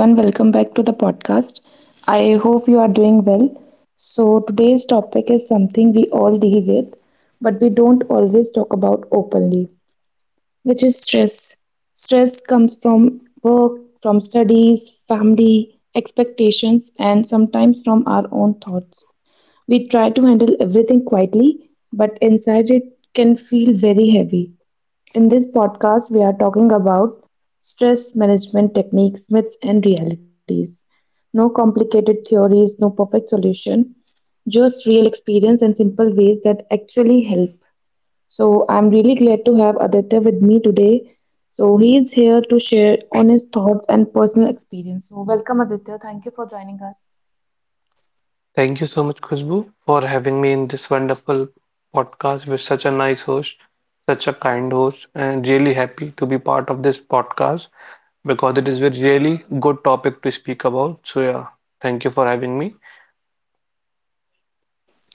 And welcome back to the podcast. I hope you are doing well. So, today's topic is something we all deal with, but we don't always talk about openly, which is stress. Stress comes from work, from studies, family, expectations, and sometimes from our own thoughts. We try to handle everything quietly, but inside it can feel very heavy. In this podcast, we are talking about stress management techniques, myths, and realities. No complicated theories, no perfect solution, just real experience and simple ways that actually help. So, I'm really glad to have Aditya with me today. So, he is here to share honest thoughts and personal experience. So, welcome, Aditya. Thank you for joining us. Thank you so much, Khushbu, for having me in this wonderful podcast with such a nice host, such a kind host, and really happy to be part of this podcast because it is a really good topic to speak about. So, yeah, thank you for having me.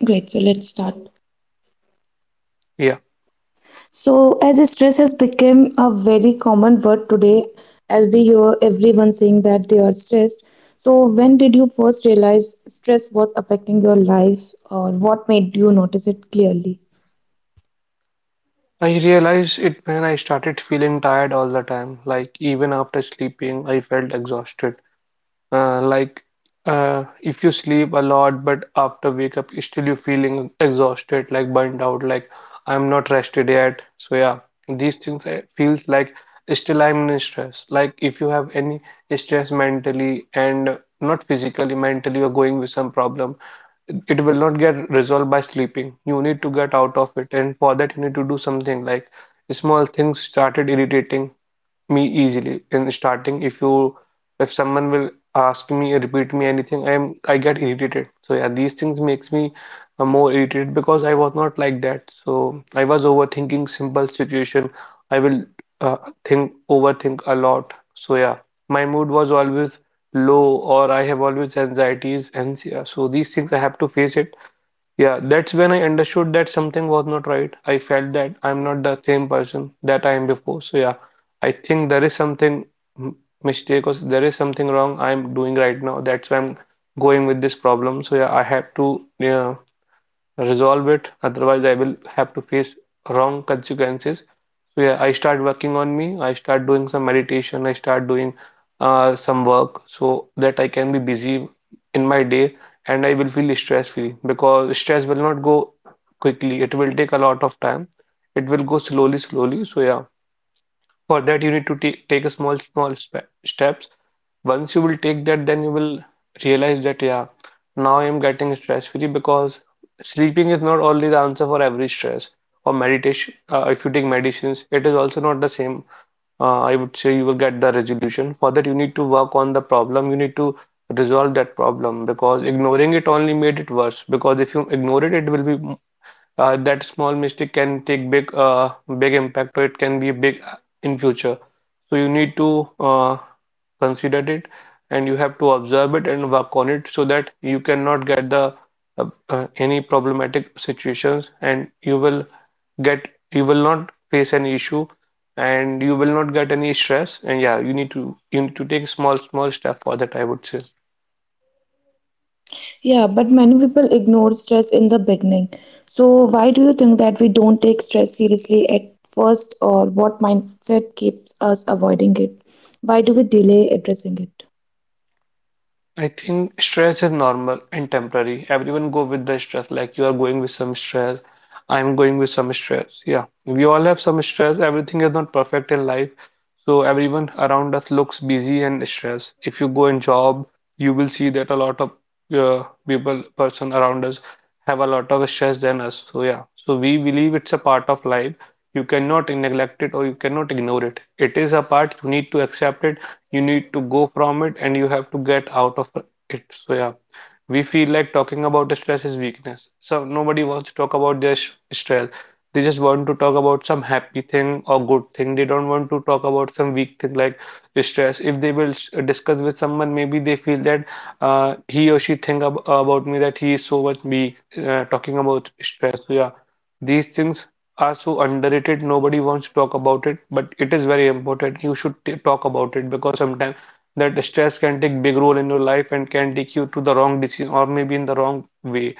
Great. So, let's start. Yeah, So, as stress has become a very common word today, as we hear everyone saying that they are stressed. So, when did you first realize stress was affecting your life, or what made you notice it clearly? I realized it when I started feeling tired all the time, like even after sleeping, I felt exhausted. Uh, like if you sleep a lot, but after wake up, still you feeling exhausted, like burned out, like I'm not rested yet. So yeah, these things I feels like still I'm in stress. Like if you have any stress mentally and not physically, mentally you're going with some problem, it will not get resolved by sleeping. You need to get out of it, and for that you need to do something like small things started irritating me easily in starting if someone will ask me repeat me anything I get irritated, so yeah, these things makes me more irritated because I was not like that, so I was overthinking simple situation. I will uh, think overthink a lot. So yeah, my mood was always low, or I have always anxieties. And yeah, so these things I have to face it. Yeah, that's when I understood that something was not right. I felt that I'm not the same person that I am before. So yeah, I think there is something m- there is something wrong I'm doing right now. That's why I'm going with this problem. So yeah, I have to resolve it, otherwise I will have to face wrong consequences. So yeah, I start working on me, I start doing some meditation, I start doing some work so that I can be busy in my day, and I will feel stress free because stress will not go quickly. It will take a lot of time. It will go slowly slowly. So yeah, for that, you need to take a small, small steps. Once you will take that, then you will realize that, yeah, now I am getting stress free, because sleeping is not only the answer for every stress. Or meditation, if you take medicines, it is also not the same. I would say you will get the resolution. For that, you need to work on the problem. You need to resolve that problem because ignoring it only made it worse. Because if you ignore it, it will be that small mistake can take big impact, or it can be big in future. So you need to consider it, and you have to observe it and work on it so that you cannot get the any problematic situations, and you will get you will not face any issue, and you will not get any stress. And yeah, you need to take small small step for that, I would say. Yeah, but many people ignore stress in the beginning. So, why do you think that we don't take stress seriously at first, or what mindset keeps us avoiding it? Why do we delay addressing it? I think stress is normal and temporary. Everyone go with the stress. Like you are going with some stress. I'm going with some stress. Yeah, we all have some stress. Everything is not perfect in life. So everyone around us looks busy and stressed. If you go in job, you will see that a lot of people, person around us have a lot of stress than us. So yeah, so we believe it's a part of life. You cannot neglect it or you cannot ignore it. It is a part. You need to accept it, you need to go from it, and you have to get out of it. So, yeah, we feel like talking about stress is weakness. So, nobody wants to talk about their stress. They just want to talk about some happy thing or good thing. They don't want to talk about some weak thing like stress. If they will discuss with someone, maybe they feel that, he or she think about me that he is so much weak, talking about stress. So, yeah, these things are so underrated. Nobody wants to talk about it, but it is very important. You should t talk about it, because sometimes that stress can take big role in your life and can take you to the wrong decision or maybe in the wrong way.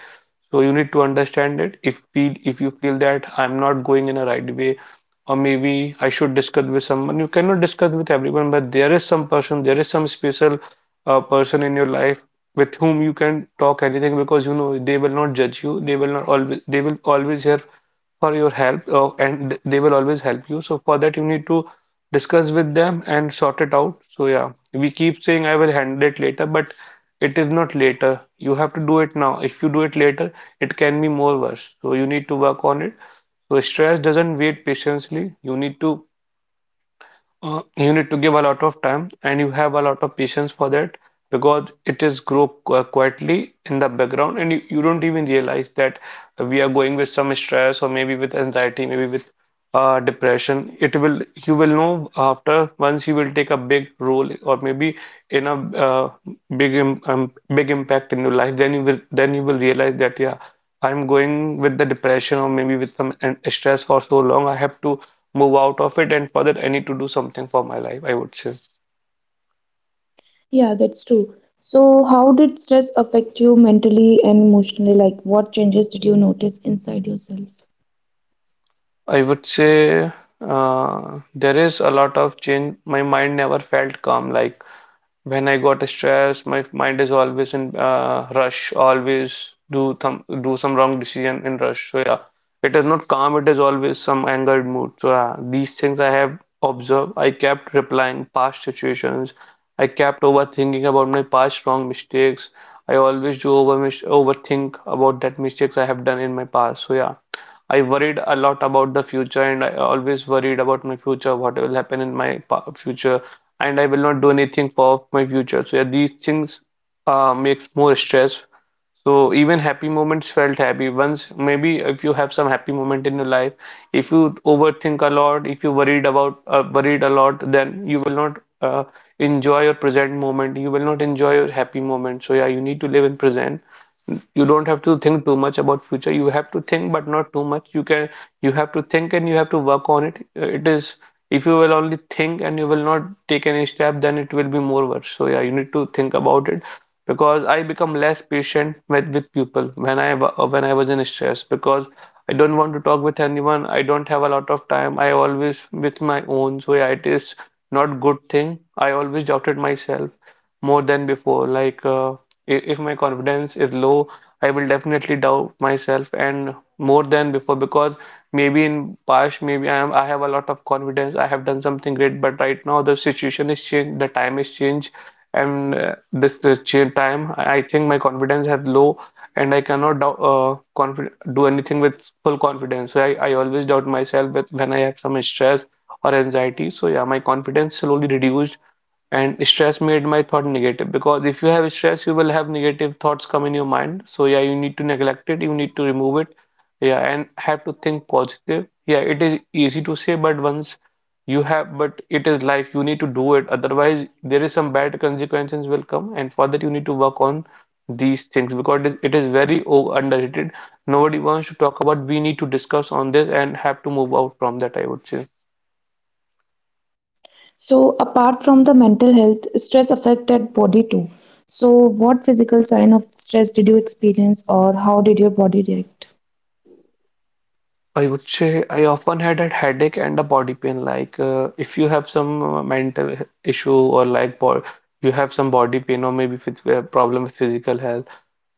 So you need to understand it. If you feel that I'm not going in a right way, or maybe I should discuss with someone, you cannot discuss with everyone, but there is some person, there is some special, person in your life with whom you can talk anything because you know they will not judge you. They will not always they will always here for your help, and they will always help you. So for that you need to discuss with them and sort it out. So yeah, we keep saying I will handle it later, but it is not later. You have to do it now. If you do it later, it can be more worse. So you need to work on it. So stress doesn't wait patiently. You need to give a lot of time and you have a lot of patience for that, because it is quietly in the background, and you don't even realize that we are going with some stress or maybe with anxiety, maybe with, depression. It will you will know after once you will take a big role or maybe in a big impact in your life, then you will realize that, yeah, I'm going with the depression or maybe with some stress for so long. I have to move out of it, and for that I need to do something for my life, I would say. Yeah, that's true. So, how did stress affect you mentally and emotionally? Like, what changes did you notice inside yourself? I would say, there is a lot of change. My mind never felt calm. Like when I got stressed, my mind is always in, rush, always do some wrong decision in rush. So yeah, it is not calm, it is always some angered mood. So yeah, these things I have observed. I kept replying past situations. I kept overthinking about my past wrong mistakes. I always do over mis overthink about that mistakes I have done in my past. So yeah, I worried a lot about the future, and I always worried about my future, what will happen in my future, and I will not do anything for my future. So yeah, these things, makes more stress. So even happy moments felt happy. Once, maybe if you have some happy moment in your life, if you overthink a lot, if you worried a lot, then you will not, enjoy your present moment. You will not enjoy your happy moment. So yeah, you need to live in present. You don't have to think too much about future. You have to think, but not too much. You can you have to think and you have to work on it. It is if you will only think and you will not take any step, then it will be more worse. So yeah, you need to think about it. Because I become less patient with people when I when I was in stress, because I don't want to talk with anyone. I don't have a lot of time. I always with my own, so yeah, it is not good thing. I always doubted myself more than before. Like, if my confidence is low, I will definitely doubt myself and more than before, because maybe in past, maybe I have a lot of confidence. I have done something great, but right now the situation is changed, the time is changed, and, this the change time, I think my confidence has low, and I cannot doubt, confi do anything with full confidence. So I always doubt myself with when I have some stress or anxiety. So yeah, my confidence slowly reduced, and stress made my thought negative, because if you have stress you will have negative thoughts come in your mind. So yeah, you need to neglect it, you need to remove it, yeah, and have to think positive. Yeah, it is easy to say, but once you have but it is life, you need to do it, otherwise there is some bad consequences will come. And for that you need to work on these things because it is very underrated. Nobody wants to talk about, we need to discuss on this and have to move out from that, I would say. So, apart from the mental health, stress affected body too. So, what physical sign of stress did you experience, or how did your body react? I would say I often had a headache and a body pain. Like if you have some mental issue or like bo you have some body pain or maybe phys problem with physical health,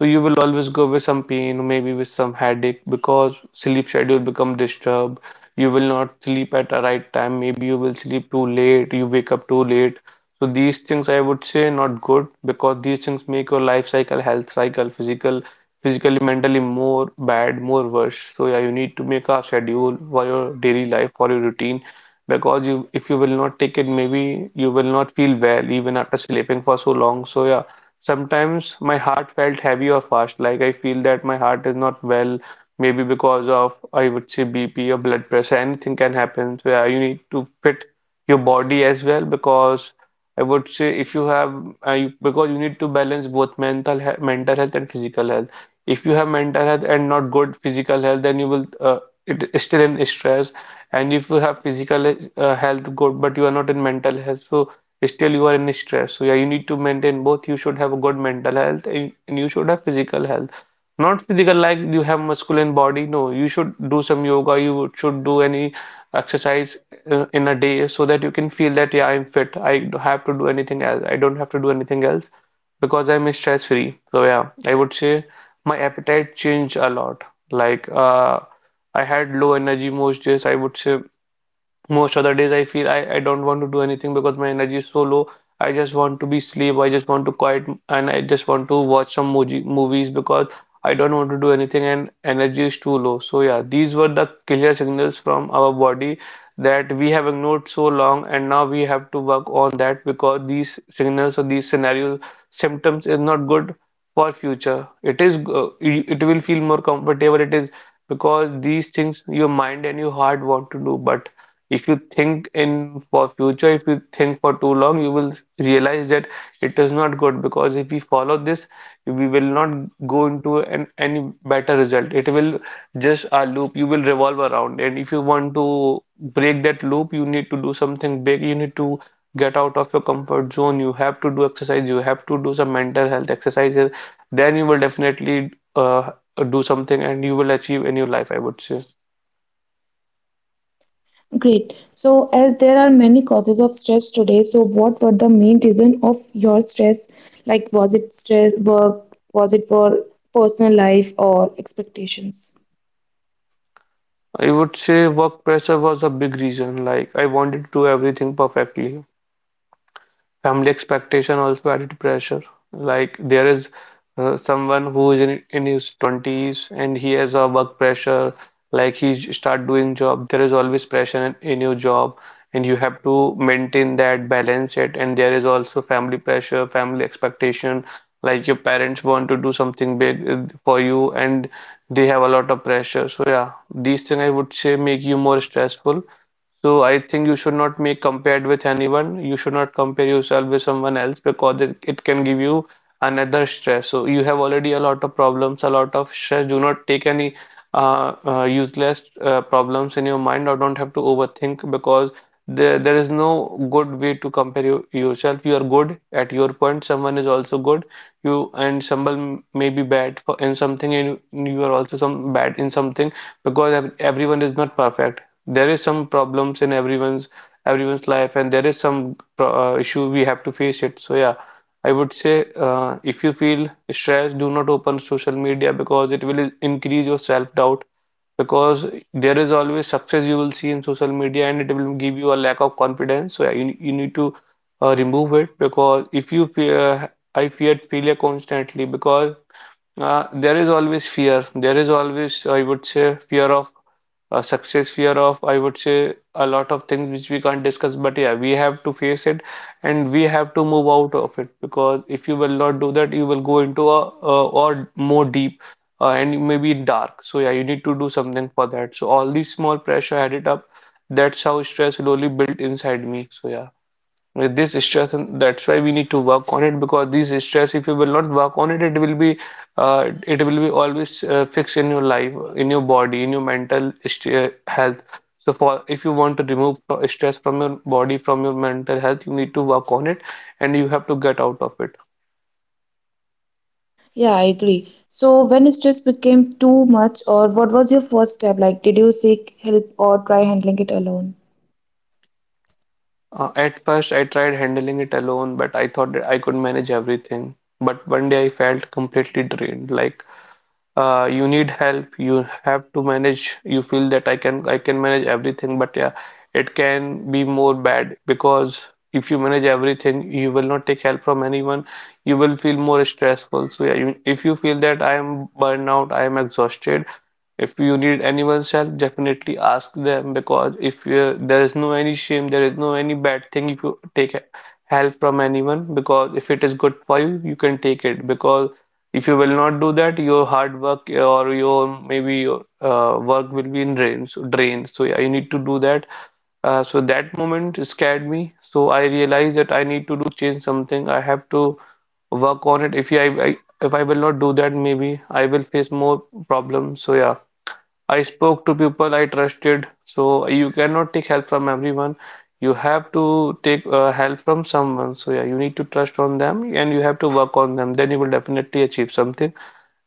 so you will always go with some pain, maybe with some headache, because sleep schedule become disturbed. You will not sleep at the right time. Maybe you will sleep too late. You wake up too late. So these things I would say not good, because these things make your life cycle, health cycle, physical, physically, mentally more bad, more worse. So yeah, you need to make a schedule for your daily life, for your routine, because you if you will not take it, maybe you will not feel well even after sleeping for so long. So yeah. Sometimes my heart felt heavy or fast, like I feel that my heart is not well, maybe because of, I would say, BP or blood pressure. Anything can happen where you need to fit your body as well. Because I would say if you have, because you need to balance both mental health and physical health. If you have mental health and not good physical health, then you will, it is still in stress. And if you have physical health good, but you are not in mental health, so still you are in stress. So yeah, you need to maintain both. You should have a good mental health and you should have physical health. Not physical like you have muscular body, no, you should do some yoga, you should do any exercise in a day, so that you can feel that yeah, I'm fit, I don't have to do anything else, I don't have to do anything else because I'm stress free. So yeah, I would say my appetite changed a lot. like uh I had low energy most days, I would say most other days I feel I don't want to do anything because my energy is so low. I just want to be sleep. I just want to quiet and I just want to watch some moji movies because I don't want to do anything and energy is too low. So yeah, these were the clear signals from our body that we have ignored so long, and now we have to work on that, because these signals or these scenarios symptoms is not good for future. It is, it will feel more comfortable. It is because these things your mind and your heart want to do, but if you think in for future, if you think for too long, you will realize that it is not good, because if we follow this, we will not go into an any better result, it will just a loop, you will revolve around, and if you want to break that loop, you need to do something big, you need to get out of your comfort zone, you have to do exercise, you have to do some mental health exercises, then you will definitely do something and you will achieve in your life, I would say. Great. So, as there are many causes of stress today, so what were the main reason of your stress? Like, was it stress, work, was it for personal life, or expectations? I would say work pressure was a big reason, like I wanted to do everything perfectly. Family expectation also added pressure. Like there is someone who is in his 20s and he has a work pressure. Like start doing job, there is always pressure in your job, and you have to maintain that balance it. And there is also family pressure, family expectation. Like your parents want to do something big for you, and they have a lot of pressure. So yeah, these things I would say make you more stressful. So I think you should not make compared with anyone. You should not compare yourself with someone else, because it can give you another stress. So you have already a lot of problems, a lot of stress. Do not take any useless problems in your mind, or don't have to overthink, because there is no good way to compare you, yourself. You are good at your point. Someone is also good. You and someone may be bad for, in something, and you are also some bad in something, because everyone is not perfect, there is some problems in everyone's life, and there is some issue we have to face it. So yeah, I would say, if you feel stressed, do not open social media, because it will increase your self-doubt, because there is always success you will see in social media, and it will give you a lack of confidence. So yeah, you need to remove it, because if you fear I feared failure constantly, because there is always fear. There is always, I would say, fear of success, fear of, I would say, a lot of things which we can't discuss. But yeah, we have to face it and we have to move out of it, because if you will not do that, you will go into a or more deep and maybe dark. So yeah, you need to do something for that. So all these small pressure added up. That's how stress slowly built inside me. So yeah, with this stress, and that's why we need to work on it, because this stress if you will not work on it, it will be, it will be always fixed in your life, in your body, in your mental health. So for if you want to remove stress from your body, from your mental health, you need to work on it and you have to get out of it. Yeah, I agree. So, when stress became too much, or what was your first step? Like, did you seek help or try handling it alone? At first I tried handling it alone, but I thought that I could manage everything, but one day I felt completely drained. Like you need help, you have to manage, you feel that I can manage everything, but yeah, it can be more bad, because if you manage everything, you will not take help from anyone, you will feel more stressful. So yeah, you, if you feel that I am burnout, I am exhausted, if you need anyone's help, definitely ask them, because if you, there is no any shame, there is no any bad thing if you take help from anyone, because if it is good for you, you can take it, because if you will not do that, your hard work or your maybe your work will be in drains. So yeah, you need to do that. So that moment scared me. So I realized that I need to do change something. I have to work on it. If I will not do that, maybe I will face more problems. So yeah, I spoke to people I trusted. So you cannot take help from everyone. You have to take help from someone. So yeah, you need to trust on them and you have to work on them. Then you will definitely achieve something.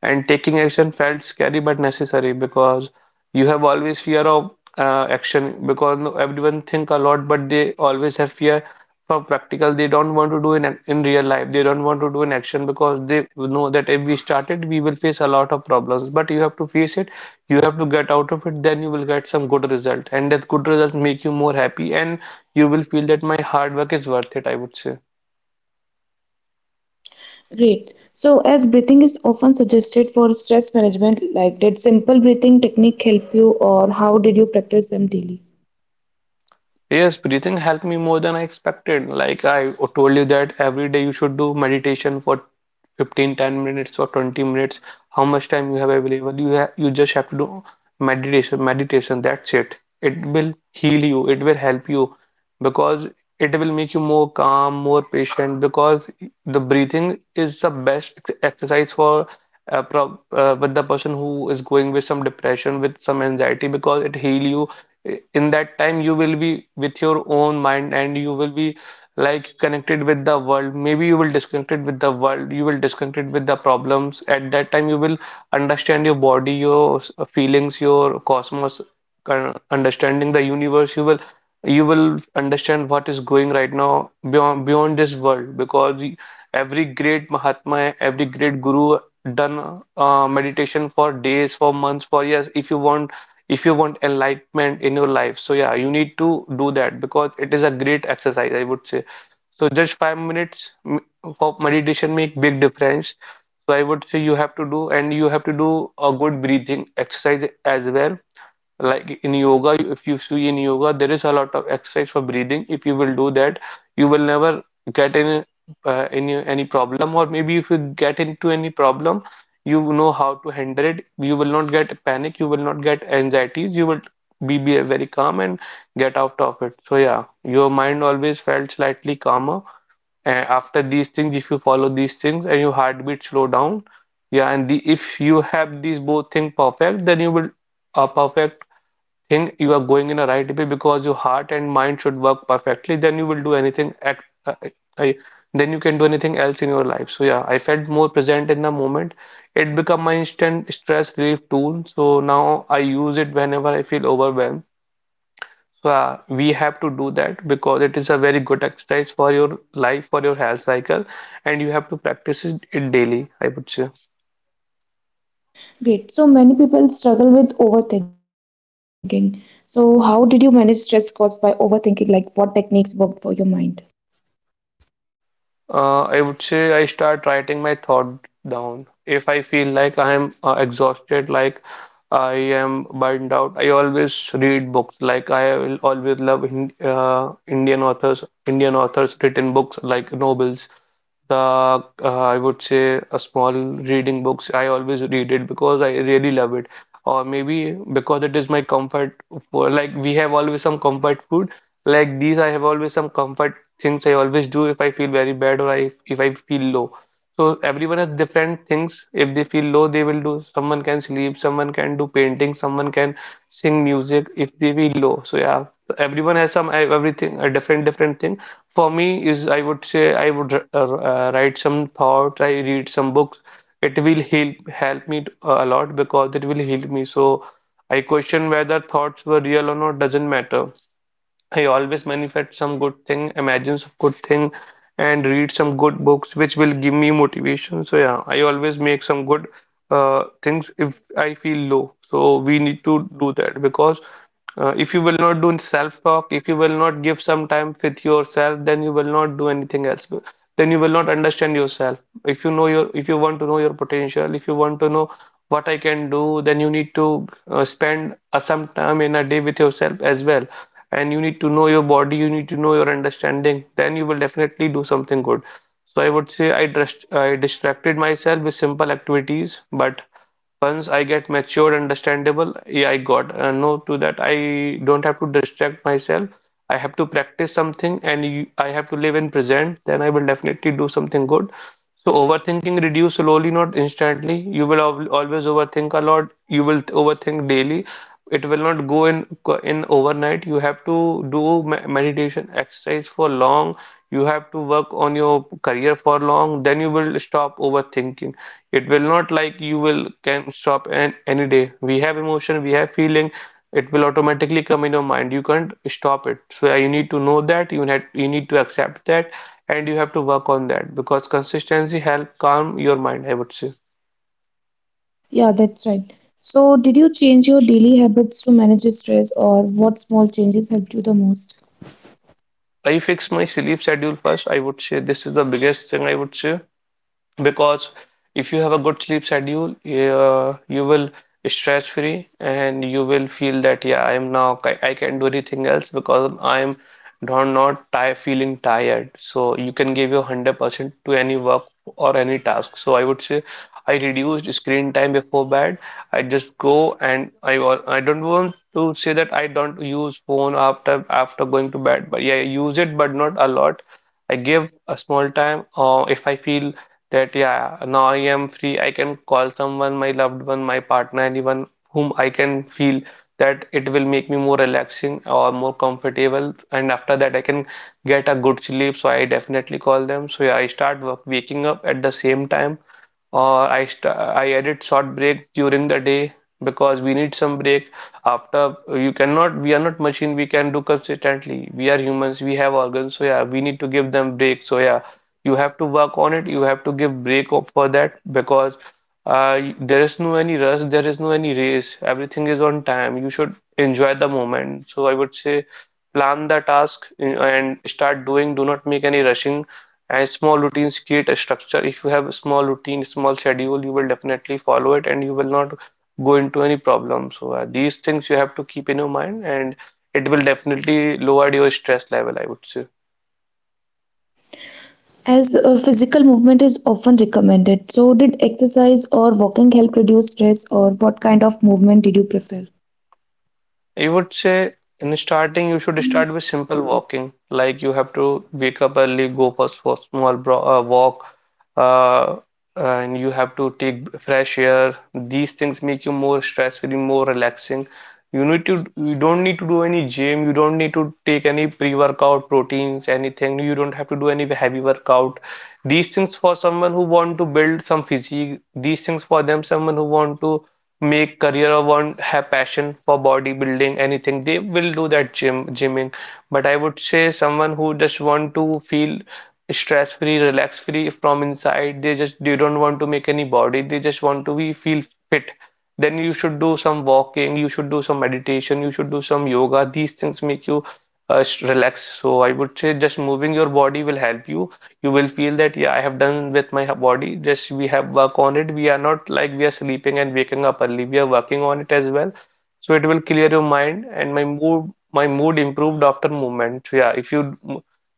And taking action felt scary but necessary, because you have always fear of action, because everyone think a lot, but they always have fear for practical, they don't want to do in in real life, they don't want to do in action, because they know that if we started, we will face a lot of problems, but you have to face it, you have to get out of it, then you will get some good result, and that good result make you more happy, and you will feel that my hard work is worth it, I would say. Great. So, as breathing is often suggested for stress management, like, did simple breathing technique help you, or how did you practice them daily? Yes, breathing helped me more than I expected. Like I told you that every day you should do meditation for 15, 10 minutes or 20 minutes. How much time you have available? You just have to do meditation. That's it. It will heal you. It will help you, because it will make you more calm, more patient. Because the breathing is the best exercise for pro with the person who is going with some depression, with some anxiety, because it heal you. In that time you will be with your own mind, and you will be like connected with the world. Maybe you will disconnected with the world, you will disconnected with the problems. At that time you will understand your body, your feelings, your cosmos, understanding the universe. You will you will understand what is going right now beyond this world, because every great Mahatma, every great guru done meditation for days, for months, for years. If you want enlightenment in your life, so yeah, you need to do that because it is a great exercise, I would say. So just 5 minutes of meditation make big difference. So I would say you have to do, and you have to do a good breathing exercise as well. Like in yoga, if you see in yoga there is a lot of exercise for breathing. If you will do that, you will never get in any problem, or maybe if you get into any problem, you know how to handle it. You will not get panic, you will not get anxieties, you will be very calm and get out of it. So yeah, your mind always felt slightly calmer. And after these things, if you follow these things, and your heartbeat slow down, yeah, if you have these both things perfect, then you will a perfect think you are going in a right way, because your heart and mind should work perfectly. Then you will do anything I, then you can do anything else in your life. So yeah, I felt more present in the moment. It become my instant stress relief tool, so now I use it whenever I feel overwhelmed. So we have to do that because it is a very good exercise for your life, for your health cycle. And you have to practice it daily, I would say. Great. So, many people struggle with overthinking. So, how did you manage stress caused by overthinking? Like, what techniques worked for your mind? I would say I start writing my thought down. If I feel like I am exhausted, like I am burned out, I always read books. Like I will always love Hin Indian authors, written books like novels. The I would say a small reading books. I always read it because I really love it, or maybe because it is my comfort food. Like we have always some comfort food, like these, I have always some comfort things I always do if I feel very bad, or I, if I feel low. So everyone has different things. If they feel low, they will do. Someone can sleep, someone can do painting, someone can sing music if they feel low. So yeah, so everyone has some everything a different thing. For me is, I would say, I would write some thoughts. I read some books. It will help me a lot because it will heal me. So I question whether thoughts were real or not, doesn't matter. I always manifest some good thing, imagine some good thing, and read some good books which will give me motivation. So yeah, I always make some good things if I feel low. So we need to do that because if you will not do self-talk, if you will not give some time with yourself, then you will not do anything else. Then you will not understand yourself. If you want to know your potential, if you want to know what I can do, then you need to spend some time in a day with yourself as well. And you need to know your body, you need to know your understanding, then you will definitely do something good. So I would say I distracted myself with simple activities, but once I get matured, understandable, yeah, I got no to that. I don't have to distract myself. I have to practice something, I have to live in present, then I will definitely do something good. So overthinking reduce slowly, not instantly. You will always overthink a lot. You will overthink daily. It will not go in overnight. You have to do meditation exercise for long. You have to work on your career for long. Then you will stop overthinking. It will not like you will can stop any day. We have emotion, we have feeling. It will automatically come in your mind. You can't stop it. So you need to know that. You need to accept that, and you have to work on that because consistency help calm your mind, I would say. Yeah, that's right. So, did you change your daily habits to manage stress, or what small changes helped you the most? I fix my sleep schedule first, I would say. This is the biggest thing, I would say, because if you have a good sleep schedule, you will stress free, and you will feel that yeah, I am now, I can do anything else because I am not tired, feeling tired. So you can give your 100% to any work or any task. So I would say I reduced screen time before bed. I just go and I don't want to say that I don't use phone after going to bed, but yeah, I use it but not a lot. I give a small time, or if I feel that yeah, now I am free, I can call someone, my loved one, my partner, anyone whom I can feel that it will make me more relaxing or more comfortable. And after that I can get a good sleep, so I definitely call them. So yeah, waking up at the same time, or I edit short breaks during the day, because we need some break. After you cannot, we are not machine, we can do consistently, we are humans, we have organs. So yeah, we need to give them break. So yeah, you have to work on it, you have to give break up for that, because there is no any rush, there is no any race, everything is on time, you should enjoy the moment. So I would say plan the task and start doing, do not make any rushing. And small routines create a structure. If you have a small routine, small schedule, you will definitely follow it and you will not go into any problem. So these things you have to keep in your mind, and it will definitely lower your stress level, I would say. As physical movement is often recommended, so did exercise or walking help reduce stress, or what kind of movement did you prefer? I would say in starting, you should start with simple walking. Like you have to wake up early, go for small bro walk, uh, and you have to take fresh air. These things make you more stress-free, more relaxing. You don't need to do any gym. You don't need to take any pre-workout proteins, anything. You don't have to do any heavy workout. These things for someone who want to build some physique. These things for them, someone who want to make career or want have passion for bodybuilding, anything they will do that gym gymming. But I would say someone who just want to feel stress free, relax free from inside, they don't want to make any body, they just want to be feel fit. Then you should do some walking, you should do some meditation, you should do some yoga. These things make you relax. So I would say just moving your body will help you. You will feel that yeah, I have done with my body, just we have work on it, we are not like we are sleeping and waking up early, we are working on it as well. So it will clear your mind. And my mood improved after movement. So yeah, if you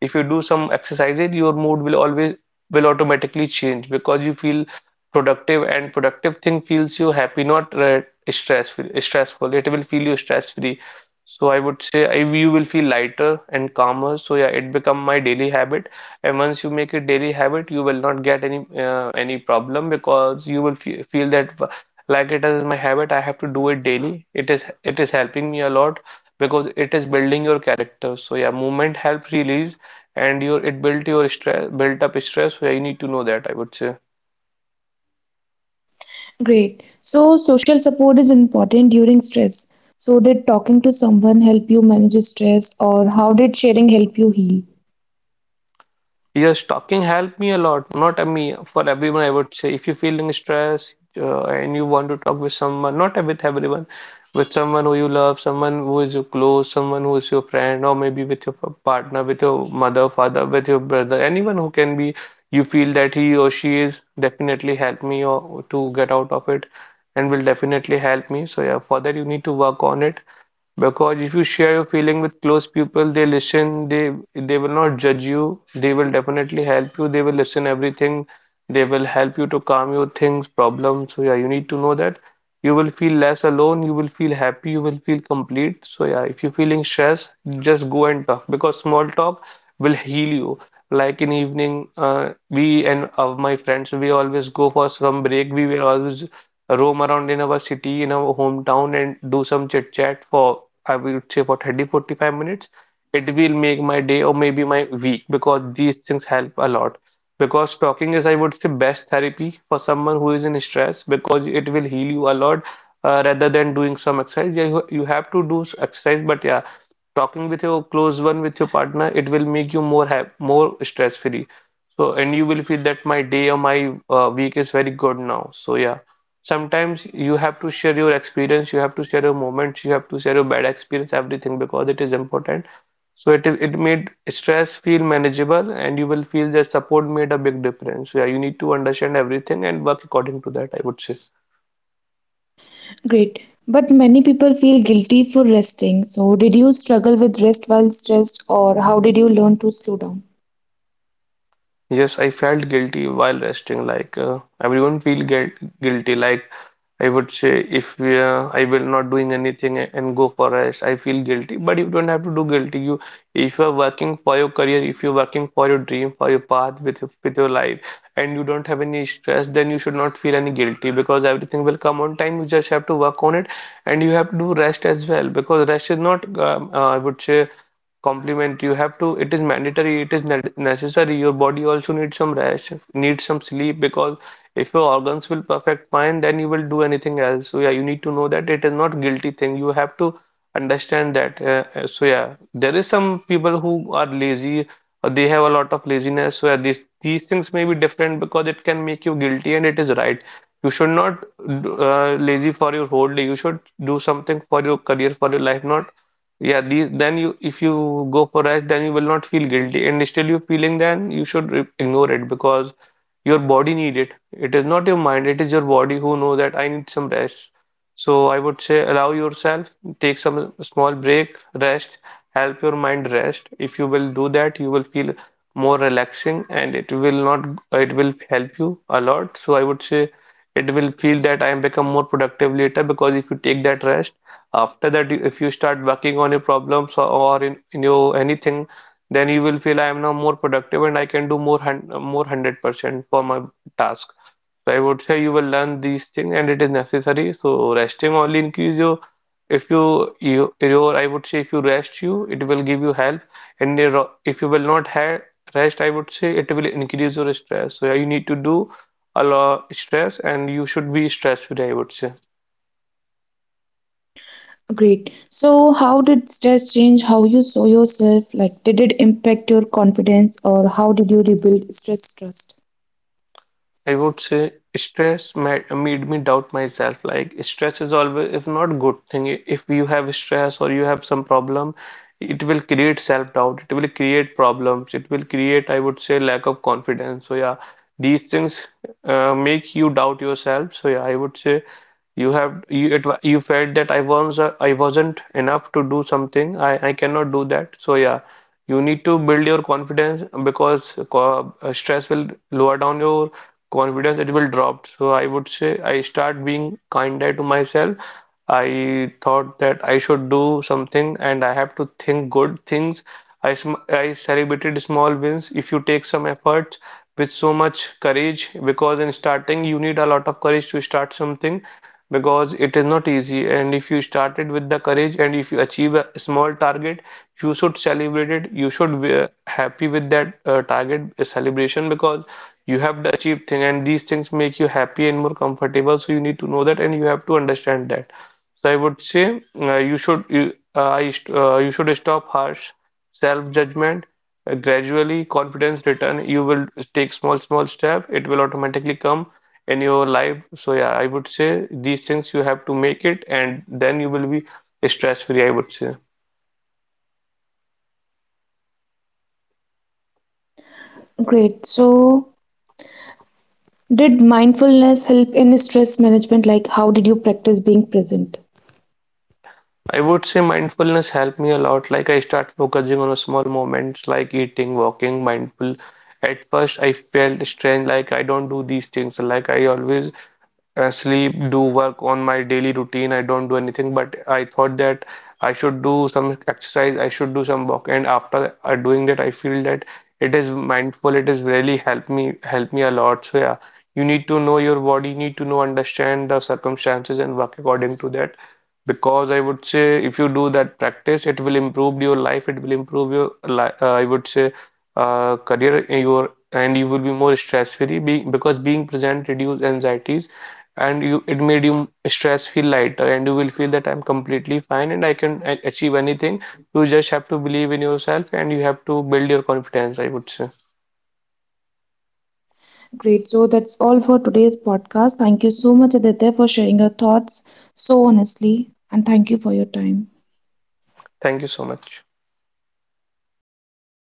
if you do some exercises, your mood will always will automatically change, because you feel productive, and productive thing feels you happy, not stressful, it will feel you stress free. So I would say you will feel lighter and calmer. So yeah, it become my daily habit. And once you make it daily habit, you will not get any problem because you will fe feel that like it is my habit, I have to do it daily. It is helping me a lot, because it is building your character. So yeah, movement help release and your it built your stress built up stress. So yeah, you need to know that, I would say. Great. So, social support is important during stress. So, did talking to someone help you manage stress, or how did sharing help you heal? Yes, talking helped me a lot. Not a me, for everyone, I would say. If you're feeling stress and you want to talk with someone, not with everyone, with someone who you love, someone who is your close, someone who is your friend, or maybe with your partner, with your mother, father, with your brother, anyone who can be, you feel that he or she is definitely help me, or to get out of it, and will definitely help me. So yeah, for that you need to work on it, because if you share your feeling with close people, they listen, they will not judge you, they will definitely help you, they will listen everything, they will help you to calm your things, problems. So yeah, you need to know that you will feel less alone, you will feel happy, you will feel complete. So yeah, if you're feeling stress, just go and talk, because small talk will heal you. Like in evening, we and my friends, we always go for some break. We will always roam around in our city, in our hometown, and do some chit chat for I will say for 30-45 minutes, it will make my day, or maybe my week, because these things help a lot. Because talking is, I would say, best therapy for someone who is in stress because it will heal you a lot rather than doing some exercise. Yeah, you have to do exercise, but yeah, talking with your close one with your partner, it will make you more hap more stress free. So and you will feel that my day or my week is very good now. So yeah, sometimes you have to share your experience, you have to share your moments, you have to share your bad experience, everything, because it is important. So it made stress feel manageable, and you will feel that support made a big difference. So yeah, you need to understand everything and work according to that, I would say. Great. But many people feel guilty for resting. So, did you struggle with rest while stressed, or how did you learn to slow down? Yes, I felt guilty while resting. Like everyone feel guilty. Like I would say, if we, I will not doing anything and go for rest, I feel guilty. But you don't have to do guilty. You, if you are working for your career, if you're working for your dream, for your path with with your life, and you don't have any stress, then you should not feel any guilty because everything will come on time. You just have to work on it, and you have to do rest as well because rest is not, I would say complement. You have to, it is mandatory, it is necessary. Your body also needs some rest, needs some sleep, because if your organs will perfect fine, then you will do anything else. So yeah, you need to know that it is not guilty thing. You have to understand that. So yeah, there is some people who are lazy, they have a lot of laziness. So yeah, these things may be different because it can make you guilty, and it is right. You should not lazy for your whole day. You should do something for your career, for your life, not yeah, these, then you if you go for rest, then you will not feel guilty, and still you feeling, then you should ignore it because your body need it. It is not your mind; it is your body who know that I need some rest. So I would say allow yourself, take some small break, rest, help your mind rest. If you will do that, you will feel more relaxing, and it will not, it will help you a lot. So I would say it will feel that I am become more productive later because if you take that rest after that, if you start working on your problems or, in your anything, then you will feel I am now more productive and I can do more hun more 100% for my task. So I would say you will learn these things, and it is necessary. So resting only increase your, if you your, I would say, if you rest, you it will give you help. And if you will not have rest, I would say it will increase your stress. So yeah, you need to do a lot stress, and you should be stress free, I would say. Great. So, how did stress change how you saw yourself? Like, did it impact your confidence, or how did you rebuild stress trust? I would say stress made, made me doubt myself. Like stress is always is not good thing. If you have stress or you have some problem, it will create self-doubt. It will create problems. It will create, I would say, lack of confidence. So yeah, these things make you doubt yourself. So yeah, I would say you have you it, you felt that I was I wasn't enough to do something. I cannot do that. So yeah, you need to build your confidence because stress will lower down your confidence, it will drop. So I would say I start being kinder to myself. I thought that I should do something and I have to think good things. I celebrated small wins. If you take some effort with so much courage, because in starting you need a lot of courage to start something, because it is not easy. And if you started with the courage and if you achieve a small target, you should celebrate it, you should be happy with that target celebration, because you have the achieved thing, and these things make you happy and more comfortable. So you need to know that and you have to understand that. So I would say you should you, I st- you should stop harsh self-judgment. Gradually, confidence return. You will take small step. It will automatically come in your life. So yeah, I would say these things you have to make it, and then you will be stress free, I would say. Great. So, did mindfulness help in stress management? Like, how did you practice being present? I would say mindfulness helped me a lot. Like I start focusing on a small moments like eating, walking, mindful. At first I felt strange, like I don't do these things. Like I always sleep, do work on my daily routine. I don't do anything, but I thought that I should do some exercise, I should do some walk, and after doing that, I feel that it is mindful, it is really help me a lot. So yeah, you need to know your body, you need to know understand the circumstances and work according to that. Because I would say if you do that practice, it will improve your life, it will improve your li I would say career your, and you will be more stress free because being present reduce anxieties, and you it made you stress feel lighter, and you will feel that I'm completely fine and I can achieve anything. You just have to believe in yourself and you have to build your confidence, I would say. Great. So, that's all for today's podcast. Thank you so much, Aditya, for sharing your thoughts so honestly, and thank you for your time. Thank you so much.